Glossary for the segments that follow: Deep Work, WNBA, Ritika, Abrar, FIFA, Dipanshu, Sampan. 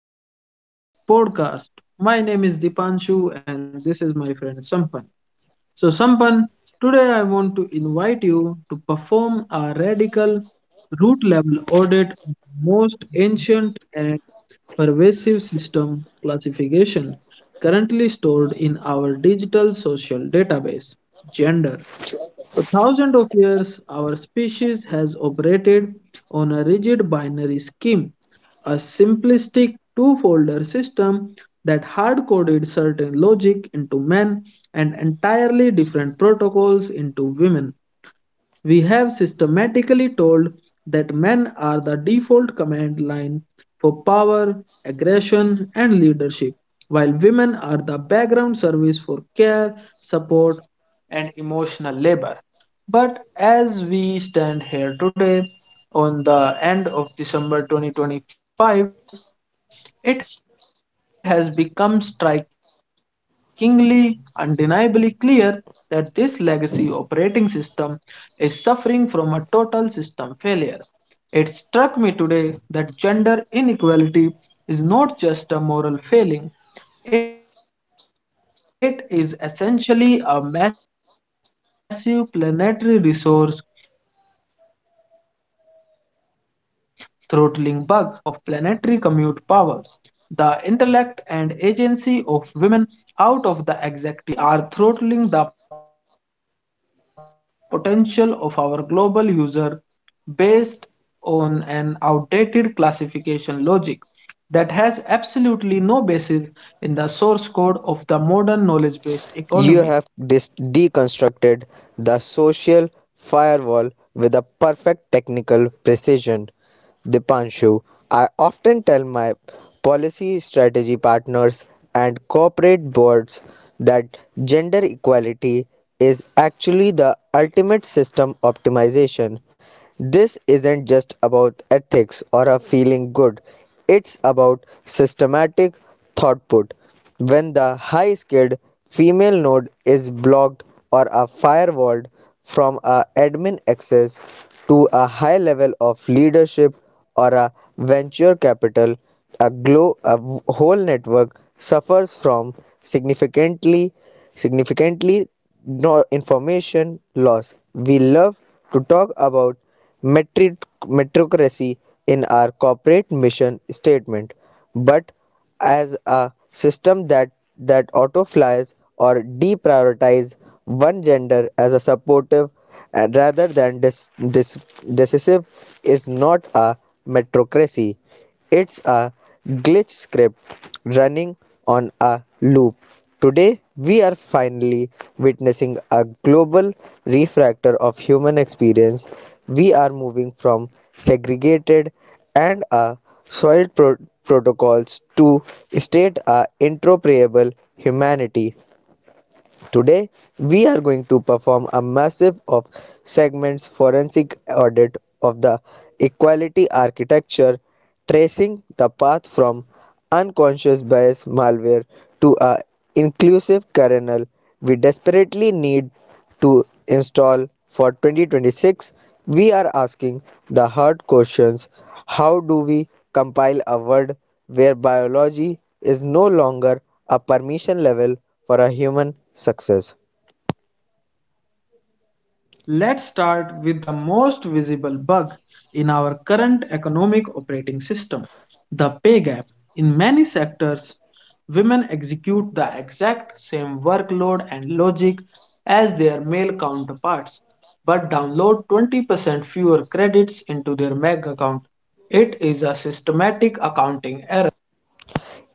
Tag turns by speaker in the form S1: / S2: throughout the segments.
S1: welcome to our next podcast. My name is Dipanshu, and this is my friend Sampan. So, Sampan, today I want to invite you to perform a radical root level audit of most ancient and pervasive system classification currently stored in our digital social database gender. For thousands of years, our species has operated on a rigid binary scheme, a simplistic two folder system that hard coded certain logic into men and entirely different protocols into women. We have systematically told that men are the default command line for power, aggression, and leadership, while women are the background service for care, support, and emotional labor. But as we stand here today, on the end of December 2025, it has become strikingly, undeniably clear that this legacy operating system is suffering from a total system failure. It struck me today that gender inequality is not just a moral failing, it is essentially a massive planetary resource throttling bug. We are filtering and blocking 50% of planetary commute power, the intellect and agency of women out of the executive thread of our economies and governments. We are throttling the potential of our global user based on an outdated classification logic that has absolutely no basis in the source code of the modern knowledge based
S2: You have
S1: economy.
S2: deconstructed the social firewall with a perfect technical precision. Dipanshu, I often tell my policy strategy partners and corporate boards that gender equality is actually the ultimate system optimization. This isn't just about ethics or a feeling good, it's about systematic throughput. When the high skilled female node is blocked or a firewalled from a admin access to a high level of leadership or a venture capital, a whole network suffers from significantly significantly nor information loss. We love to talk about metrocracy in our corporate mission statement, but as a system that autoflies or deprioritize one gender as a supportive and rather than decisive is not a metrocracy. It's a glitch script running on a loop. Today, we are finally witnessing a global refractor of human experience. We are moving from segregated and a soiled protocols to state a interoperable humanity. Today, we are going to perform a massive of segments forensic audit of the equality architecture, tracing the path from unconscious bias malware to a inclusive kernel we desperately need to install for 2026. We are asking the hard questions. How do we compile a world where biology is no longer a permission level for a human success?
S1: Let's start with the most visible bug in our current economic operating system the pay gap. In many sectors, women execute the exact same workload and logic as their male counterparts, but download 20% fewer credits into their MAG account. It is a systematic accounting error.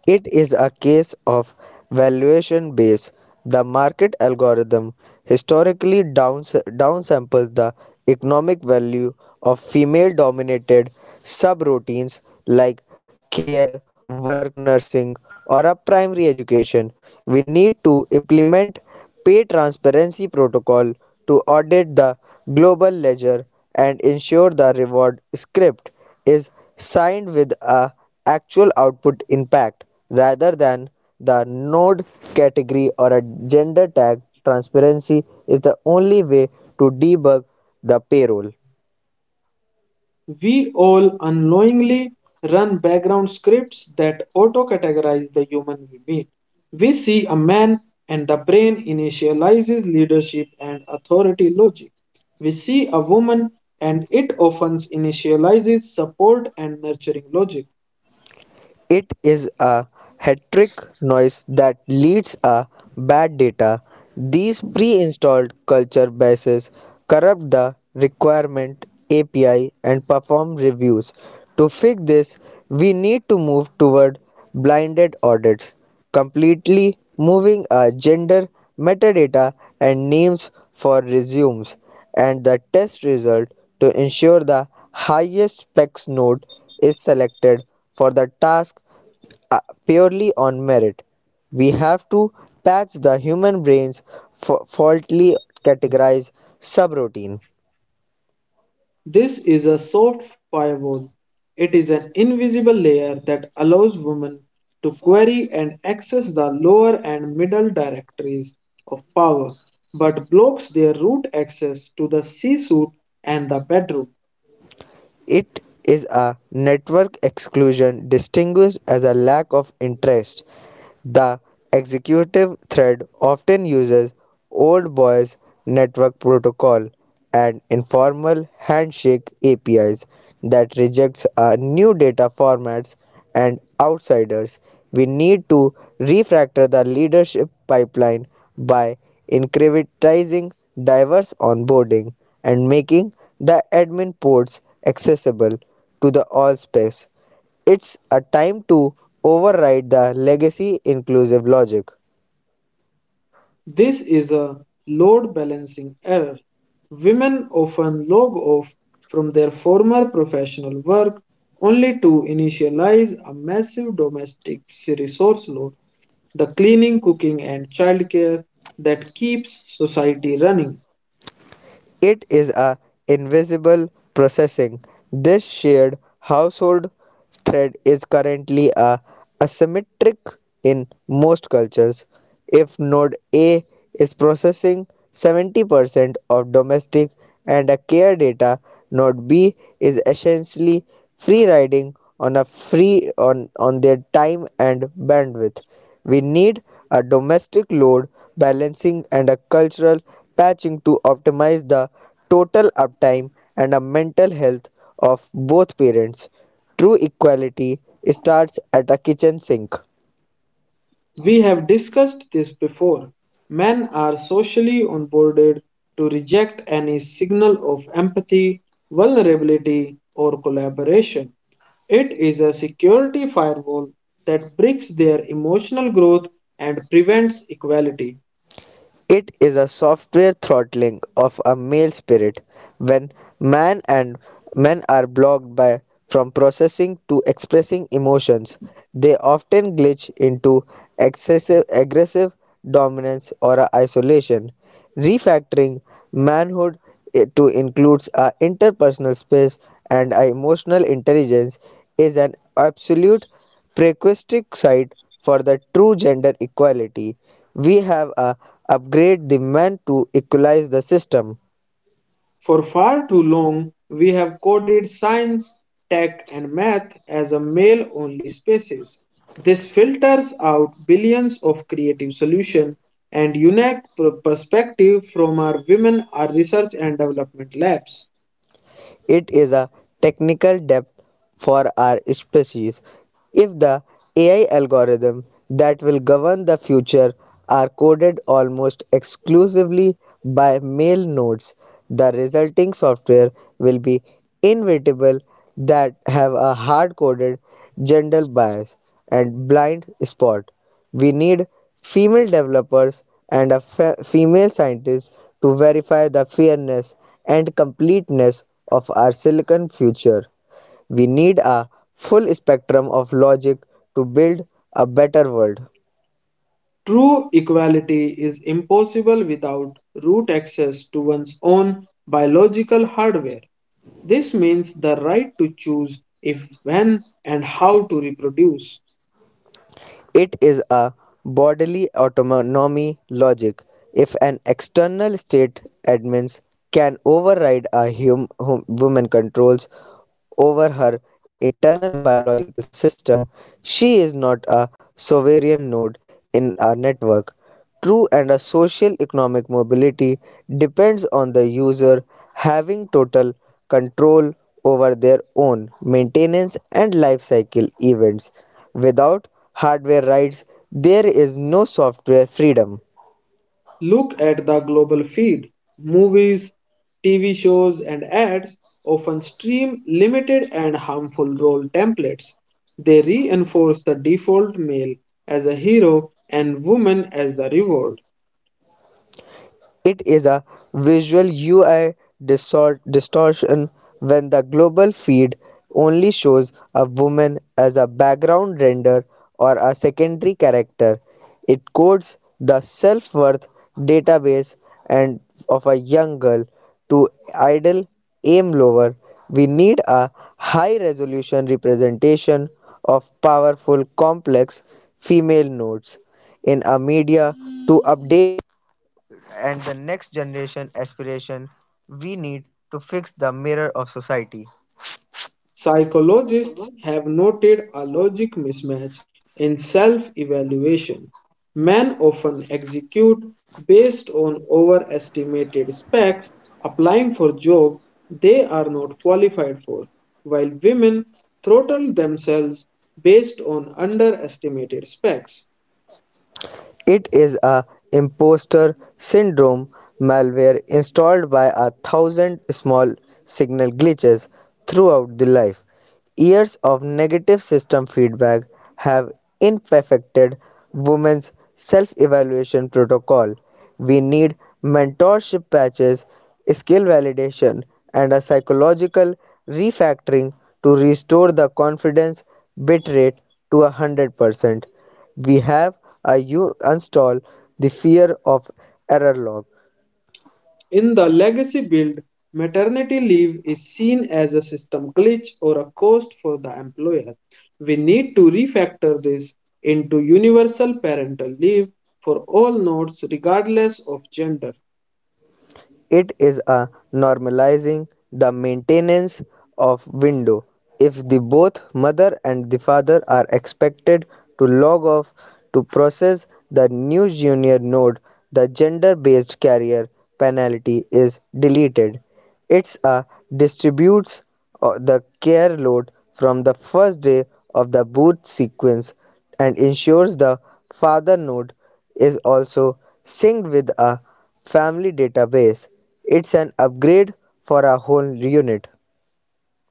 S2: It is a case of valuation base. The market algorithm historically downsamples the economic value of female dominated subroutines like care, work nursing, or a primary education. We need to implement pay transparency protocol to audit the global ledger and ensure the reward script is signed with a actual output impact rather than the node category or a gender tag. Transparency is the only way to debug the payroll.
S1: We all unknowingly run background scripts that auto categorize the human we meet. We see a man, and the brain initializes leadership and authority logic. We see a woman, and it often initializes support and nurturing logic.
S2: It is a hectic noise that leads a bad data. These pre-installed culture bases corrupt the requirement API and perform reviews. To fix this, we need to move toward blinded audits, completely moving our gender, metadata, and names for resumes and the test result to ensure the highest specs node is selected for the task, uh, purely on merit. We have to patch the human brain's faultly categorized subroutine.
S1: This is a soft firewall. It is an invisible layer that allows women to query and access the lower and middle directories of power, but blocks their root access to the C suite and the bedroom.
S2: It is a network exclusion distinguished as a lack of interest. The executive thread often uses Old Boys Network Protocol and informal handshake APIs that rejects new data formats and outsiders. We need to refactor the leadership pipeline by incrementizing diverse onboarding and making the admin ports accessible to the all space. It's a time to override the legacy inclusive logic.
S1: This is a load balancing error. Women often log off from their former professional work only to initialize a massive domestic resource load the cleaning, cooking, and childcare that keeps society running.
S2: It is a invisible processing. This shared household thread is currently a asymmetric in most cultures. If node A is processing 70% of domestic and a care data, node B is essentially free riding on on their time and bandwidth. We need a domestic load balancing and a cultural patching to optimize the total uptime and a mental health of both parents. True equality starts at a kitchen sink.
S1: We have discussed this before. Men are socially onboarded to reject any signal of empathy, vulnerability, or collaboration. It is a security firewall that breaks their emotional growth and prevents equality.
S2: It is a software throttling of a male spirit when man and men are blocked by from processing to expressing emotions. They often glitch into excessive aggressive dominance or a isolation. Refactoring manhood to includes a interpersonal space and a emotional intelligence is an absolute prerequisite side for the true gender equality. We have a upgrade the men to equalize the system.
S1: For far too long, we have coded science, tech, and math as a male only spaces. This filters out billions of creative solutions and unique perspective from our women our research and development labs.
S2: It is a technical depth for our species. If the AI algorithm that will govern the future are coded almost exclusively by male nodes, the resulting software will be inevitable that have a hard coded gender bias and blind spot. We need female developers and a female scientist to verify the fairness and completeness of our silicon future. We need a full spectrum of logic to build a better world.
S1: True equality is impossible without root access to one's own biological hardware. This means the right to choose if, when, and how to reproduce.
S2: It is a bodily autonomy logic. If an external state admins can override a woman controls over her internal biological system, she is not a sovereign node in a network. True and a social economic mobility depends on the user having total control over their own maintenance and life cycle events. Without hardware rights, there is no software freedom.
S1: Look at the global feed. Movies, TV shows, and ads often stream limited and harmful role templates. They reinforce the default male as a hero and woman as the reward.
S2: It is a visual UI distortion when the global feed only shows a woman as a background render or a secondary character. It codes the self-worth database and of a young girl to idle aim lower. We need a high-resolution representation of powerful complex female nodes in a.
S1: Psychologists have noted a logic mismatch in self evaluation. Men often execute based on overestimated specs, applying for jobs they are not qualified for, while women throttle themselves based on underestimated specs.
S2: It is a imposter syndrome malware installed by a thousand small signal glitches throughout the life. Years of negative system feedback have imperfected women's self evaluation protocol. We need mentorship patches, skill validation, and a psychological refactoring to restore the confidence bit rate to 100%. We have a you install the fear of error log.
S1: In the legacy build, maternity leave is seen as a system glitch or a cost for the employer. We need to refactor this into universal parental leave for all nodes, regardless of gender.
S2: It is a normalizing the maintenance of window. If the both mother and the father are expected to log off to process the new junior node, the gender-based carrier penalty is deleted. It's a distributes the care load from the first day of the boot sequence and ensures the father node is also synced with a Family Database. It's an upgrade for a whole unit.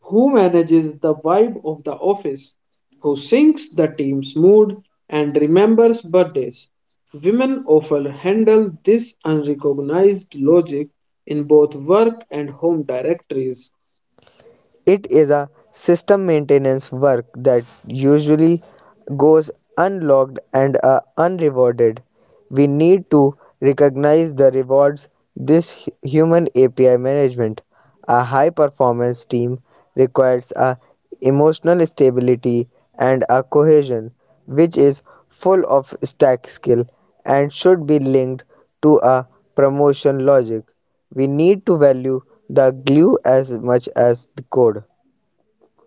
S1: Who manages the vibe of the office? Who sinks the team's mood and remembers birthdays? Women often handle this unrecognized logic in both work and home directories.
S2: It is a system maintenance work that usually goes unlocked and unrewarded. We need to recognize the rewards this human API management. A high performance team requires a emotional stability and a cohesion which is full of stack skill and should be linked to a promotion logic. We need to value the glue as much as the code.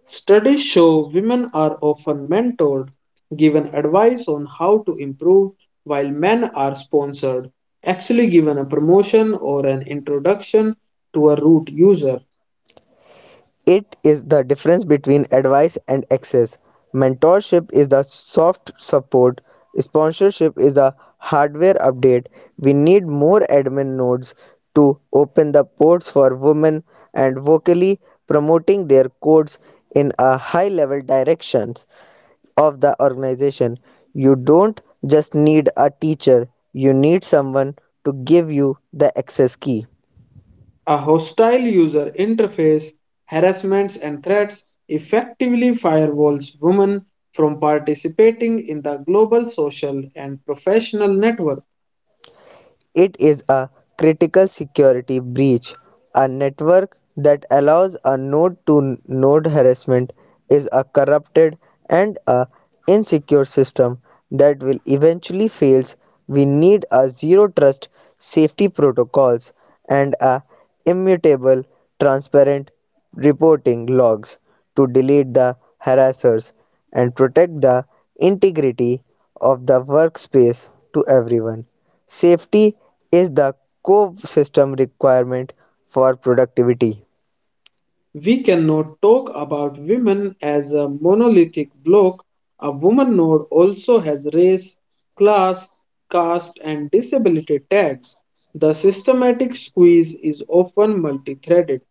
S1: Studies show women are often mentored, given advice on how to improve, while men are sponsored, actually given a promotion or an introduction to a root user.
S2: It is the difference between advice and access. Mentorship is the soft support, sponsorship is the hardware update. We need more admin nodes to open the ports for women and vocally promoting their codes in a high level directions of the organization. You don't just need a teacher, you need someone to give you the access key.
S1: A hostile user interface, harassments, and threats effectively firewalls women from participating in the global social and professional network.
S2: It is a critical security breach. A network that allows a node to node harassment is a corrupted and a insecure system that will eventually fails. We need a zero trust safety protocols and a immutable transparent reporting logs to delete the harassers and protect the integrity of the workspace to everyone. Safety is the core system requirement for productivity.
S1: We cannot talk about women as a monolithic block. A woman node also has race, class, caste, and disability tags. The systematic squeeze is often multi-threaded,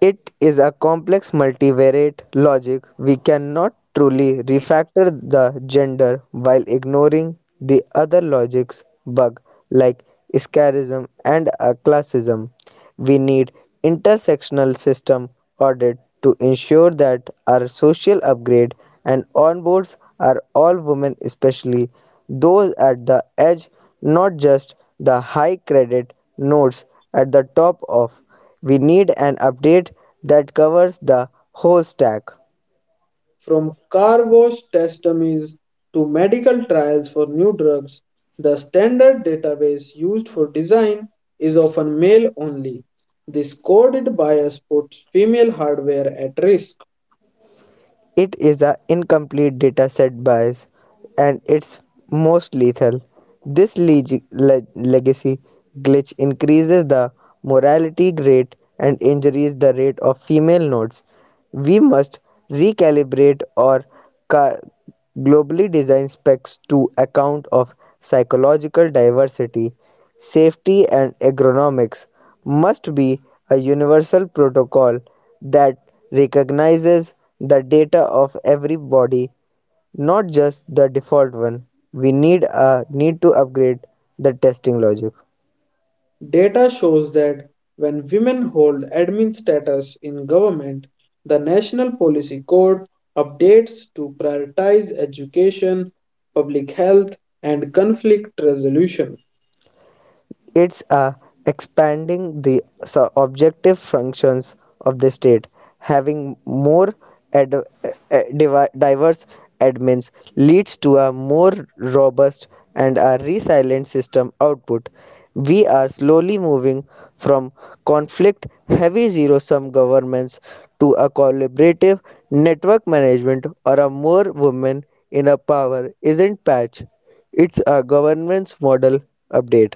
S2: It is a complex multivariate logic. We cannot truly refactor the gender while ignoring the other logic's bug like scarism and classism. We need intersectional system audit to ensure that our social upgrade and onboards are all women especially those at the edge, not just the high credit nodes at the top of. We need an update that covers the whole stack.
S1: from car wash test dummies to medical trials for new drugs. The standard database used for design is often male only. This coded bias puts female hardware at risk.
S2: It is an incomplete dataset bias and it's most lethal. This legacy glitch increases the mortality rate and injuries the rate of female nodes. We must recalibrate or car- globally design specs to account of psychological diversity, safety and ergonomics must be a universal protocol that recognizes the data of every body, not just the default one. We need a need to upgrade the testing logic.
S1: Data shows that when women hold admin status in government, the National Policy Code updates to prioritize education, public health, and conflict resolution.
S2: It's expanding the so objective functions of the state, having more diverse admins leads to a more robust and a resilient system output. We are slowly moving from conflict heavy zero sum governments to a collaborative network management or a more women in a power isn't patch. It's a governance model update.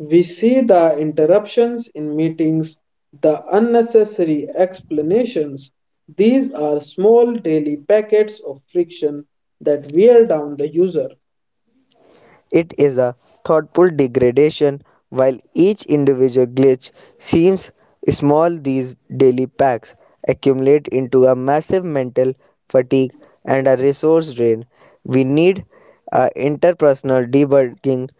S1: We see the interruptions in meetings, the unnecessary explanations. These are small daily packets of friction that wear down the user.
S2: It is a thoughtful degradation. While each individual glitch seems small, these daily packs accumulate into a massive mental fatigue and a resource drain. We need a interpersonal debugging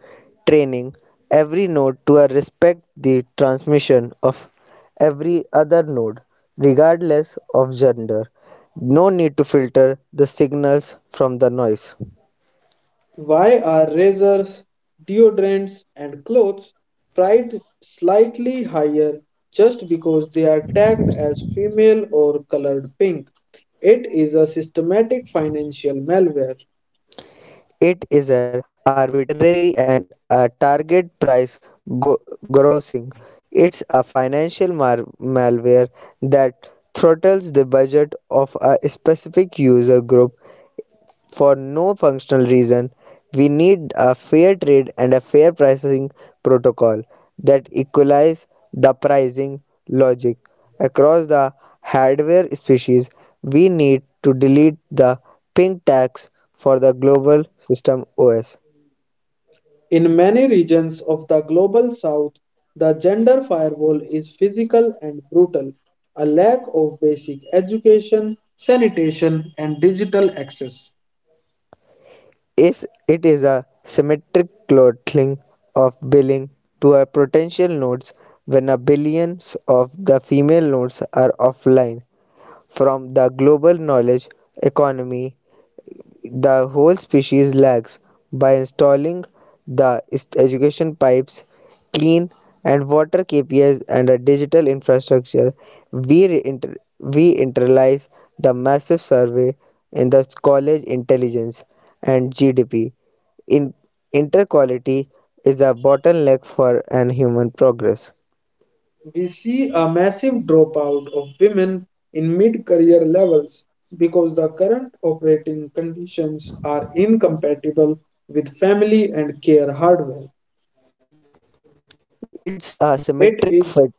S2: training every node to respect the transmission of every other node regardless of gender. No need to filter the signals from the noise.
S1: Why are razors, deodorants, and clothes priced slightly higher just because they are tagged as female or colored pink? It is a systematic financial malware.
S2: It is an arbitrary and a target price go- grossing. It's a financial malware that throttles the budget of a specific user group for no functional reason. We need a fair trade and a fair pricing protocol that equalize the pricing logic across the hardware species. We need to delete the ping tax for the global system OS.
S1: In many regions of the global south, the gender firewall is physical and brutal. A lack of basic education, sanitation, and digital access.
S2: Is it is a symmetric throttling of billing to our potential nodes when a billions of the female nodes are offline from the global knowledge economy, the whole species lags. By installing the education pipes, clean and water KPIs, and a digital infrastructure, we we internalize the massive survey in the college intelligence and GDP. In interquality is a bottleneck for an human progress.
S1: We see a massive dropout of women in mid career levels because the current operating conditions are incompatible with family and care hardware.
S2: It's a
S1: It
S2: symmetric
S1: is,
S2: fit.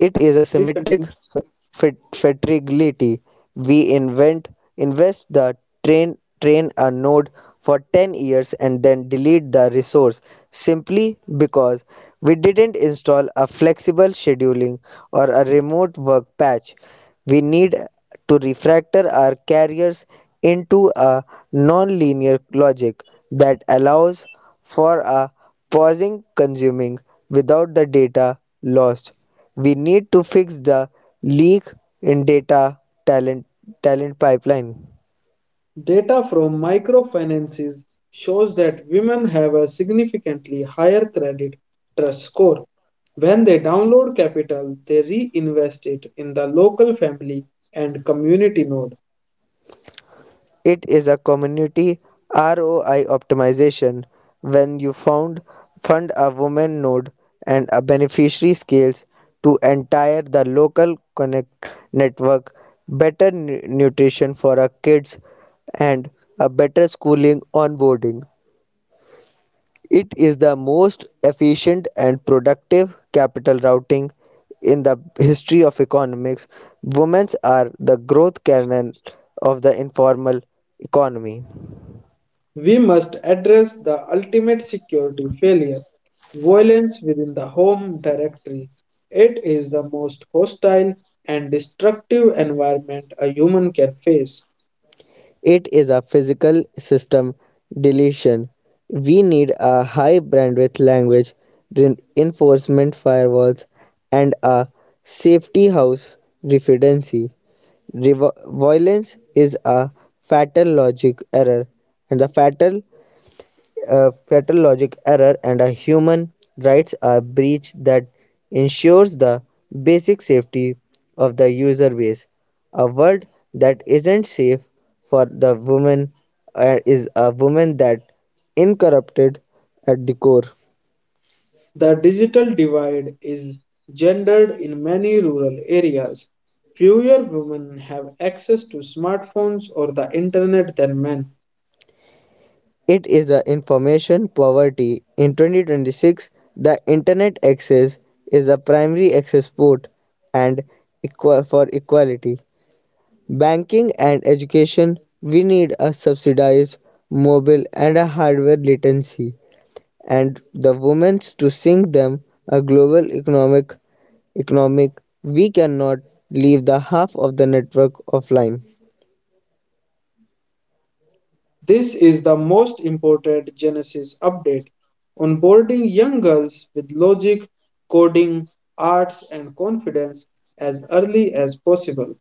S2: It is a
S1: Please
S2: symmetric
S1: continue.
S2: f- fatality. We invent invest the train a node for 10 years and then delete the resource simply because we didn't install a flexible scheduling or a remote work patch. We need to refractor our carriers into a nonlinear logic that allows for a pausing consuming without the data lost. We need to fix the leak in data talent talent pipeline.
S1: Data from microfinances shows that women have a significantly higher credit trust score. When they download capital, they reinvest it in the local family and community node.
S2: It is a community ROI optimization. When you found fund a woman node and a beneficiary scales to entire the local connect network, better nutrition for our kids and a better schooling onboarding. It is the most efficient and productive capital routing in the history of economics. Women are the growth cannon of the informal economy.
S1: We must address the ultimate security failure violence within the home directory. It is the most hostile and destructive environment a human can face.
S2: It is a physical system deletion. We need a high bandwidth language, reinforcement firewalls, and a safety house redundancy. Violence is a fatal logic error and a human rights are breach that ensures the basic safety of the user base. A world that isn't safe for the woman is a woman that incorrupted at the core.
S1: The digital divide is gendered in many rural areas. Fewer women have access to smartphones or the internet than men.
S2: It is a information poverty. In 2026, the internet access is a primary access port and equal for equality. Banking and education, we need a subsidized mobile and a hardware latency and the women's to sink them a global economic. We cannot leave the half of the network offline.
S1: This is the most important Genesis update, onboarding young girls with logic, coding, arts, and confidence as early as possible.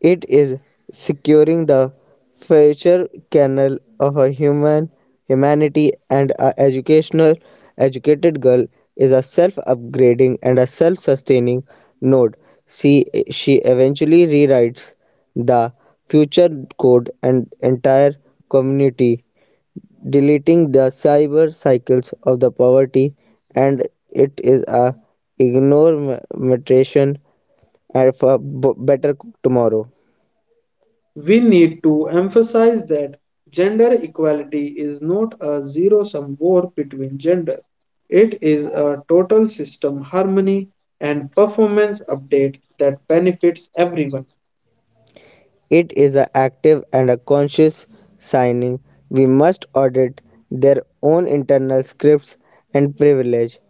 S2: It is securing the future kernel of a humanity and a educational educated girl is a self-upgrading and a self-sustaining node. See, she eventually rewrites the future code and entire community, deleting the cyber cycles of the poverty, and it is a ignoration and for better tomorrow.
S1: We need to emphasize that gender equality is not a zero sum war between gender, it is a total system harmony and performance update that benefits everyone.
S2: It is a active and a conscious signing. We must audit their own internal scripts and privilege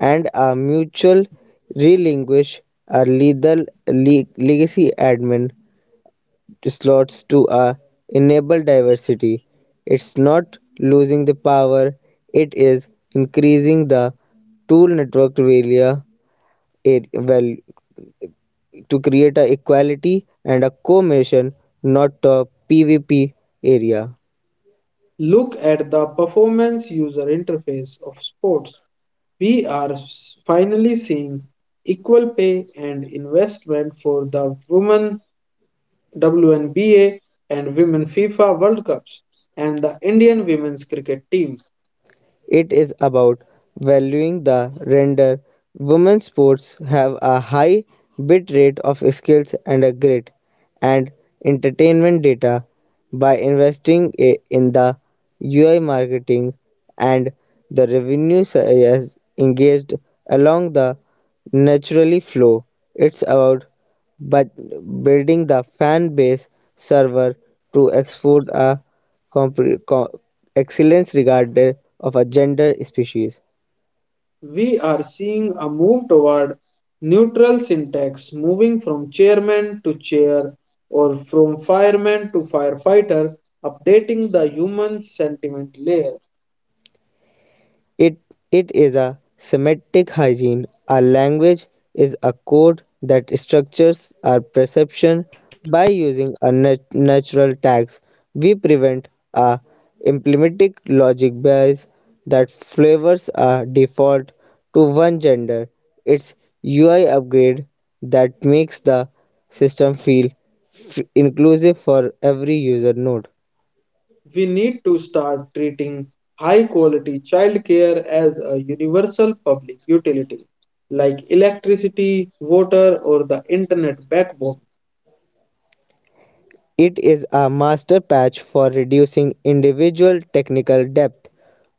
S2: and a mutual relinquish our lethal legacy admin slots to enable diversity. It's not losing the power, it is increasing the tool network value to create a equality and a co-mission, not a PvP area.
S1: Look at the performance user interface of sports. We are finally seeing equal pay and investment for the women WNBA and women FIFA World Cups and the Indian women's cricket team.
S2: It is about valuing the render. Women's sports have a high bit rate of skills and a grit and entertainment data by investing in the UI marketing, and the revenue is engaged along the naturally flow. It's about, but building the fan base server to export a compre- co- excellence regardless of a gender species.
S1: We are seeing a move toward neutral syntax, moving from chairman to chair or from fireman to firefighter, updating the human sentiment layer.
S2: It it is a semantic hygiene. A language is a code that structures our perception by using a natural tags. We prevent a implementic logic bias that flavors a default to one gender. It's UI upgrade that makes the system feel inclusive for every user node.
S1: We need to start treating high quality childcare as a universal public utility, like electricity, water, or the internet backbone.
S2: It is a master patch for reducing individual technical depth.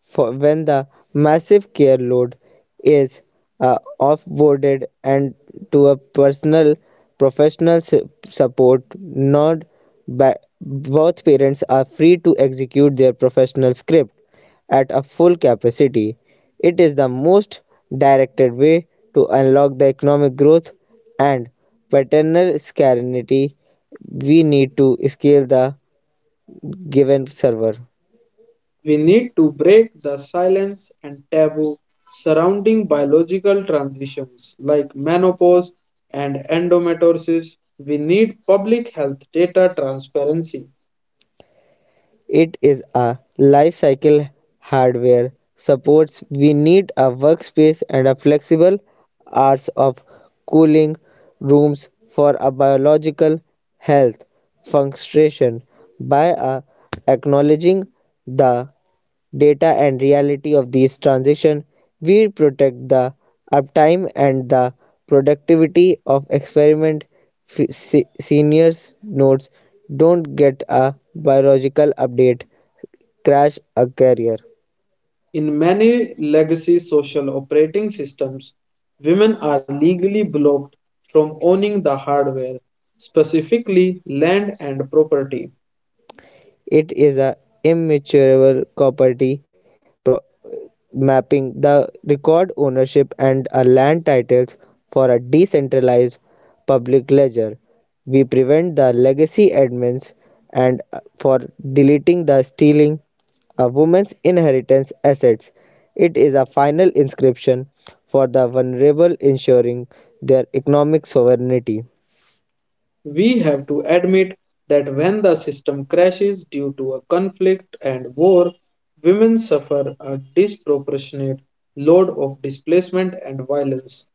S2: For when the massive care load is offboarded and to a personal professional support, not both parents are free to execute their professional script at a full capacity. It is the most directed way to unlock the economic growth and paternal scarcity. We need to scale the given server.
S1: We need to break the silence and taboo surrounding biological transitions like menopause and endometriosis. We need public health data transparency.
S2: It is a lifecycle hardware supports. We need a workspace and a flexible hours of cooling rooms for a biological health function. By acknowledging the data and reality of these transitions, we protect the uptime and the productivity of experiment seniors nodes. Don't get a biological update crash a career.
S1: In many legacy social operating systems, women are legally blocked from owning the hardware, specifically land and property.
S2: It is a immaturable property pro- mapping the record ownership and a land titles for a decentralized public ledger. We prevent the legacy admins and for deleting the stealing a woman's inheritance assets. It is a final inscription for the vulnerable, ensuring their economic sovereignty.
S1: We have to admit that when the system crashes due to a conflict and war, women suffer a disproportionate load of displacement and violence.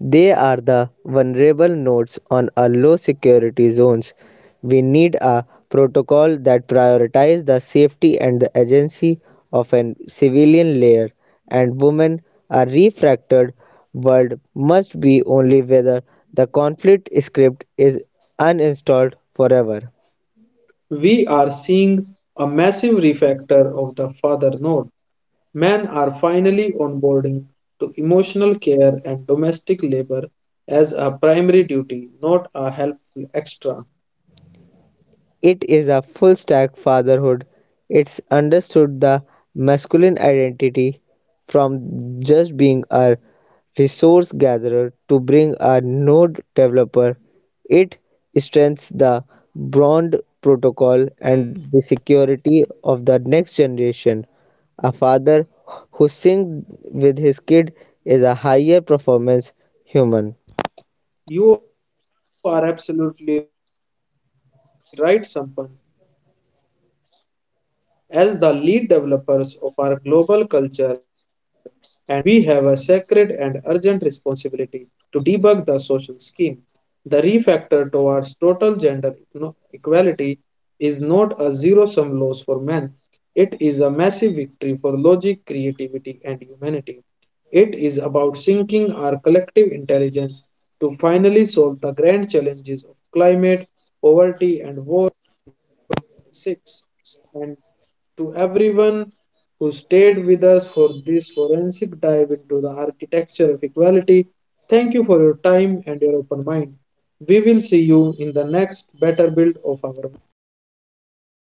S2: They are the vulnerable nodes on a low security zones. We need a protocol that prioritizes the safety and the agency of a civilian layer, and women a refracted world must be only whether the conflict script is uninstalled forever.
S1: We are seeing a massive refactor of the father node. Men are finally onboarding to emotional care and domestic labor as a primary duty, not a helpful extra.
S2: It is a full stack fatherhood. It's understood the masculine identity from just being a resource gatherer to being a node developer. It strengthens the bond protocol and the security of the next generation. A father who syncs with his kid is a higher performance human.
S1: You are absolutely right, Sampan. As the lead developers of our global culture and as important nodes in our families and workplace, we have a sacred and urgent responsibility to debug the social scheme. The refactor towards total gender equality is not a zero sum loss for men, it is a massive victory for logic, creativity, and humanity. It is about syncing our collective intelligence to finally solve the grand challenges of climate, poverty, and War 46. And to everyone who stayed with us for this forensic dive into the architecture of equality, thank you for your time and your open mind. We will see you in the next better build of our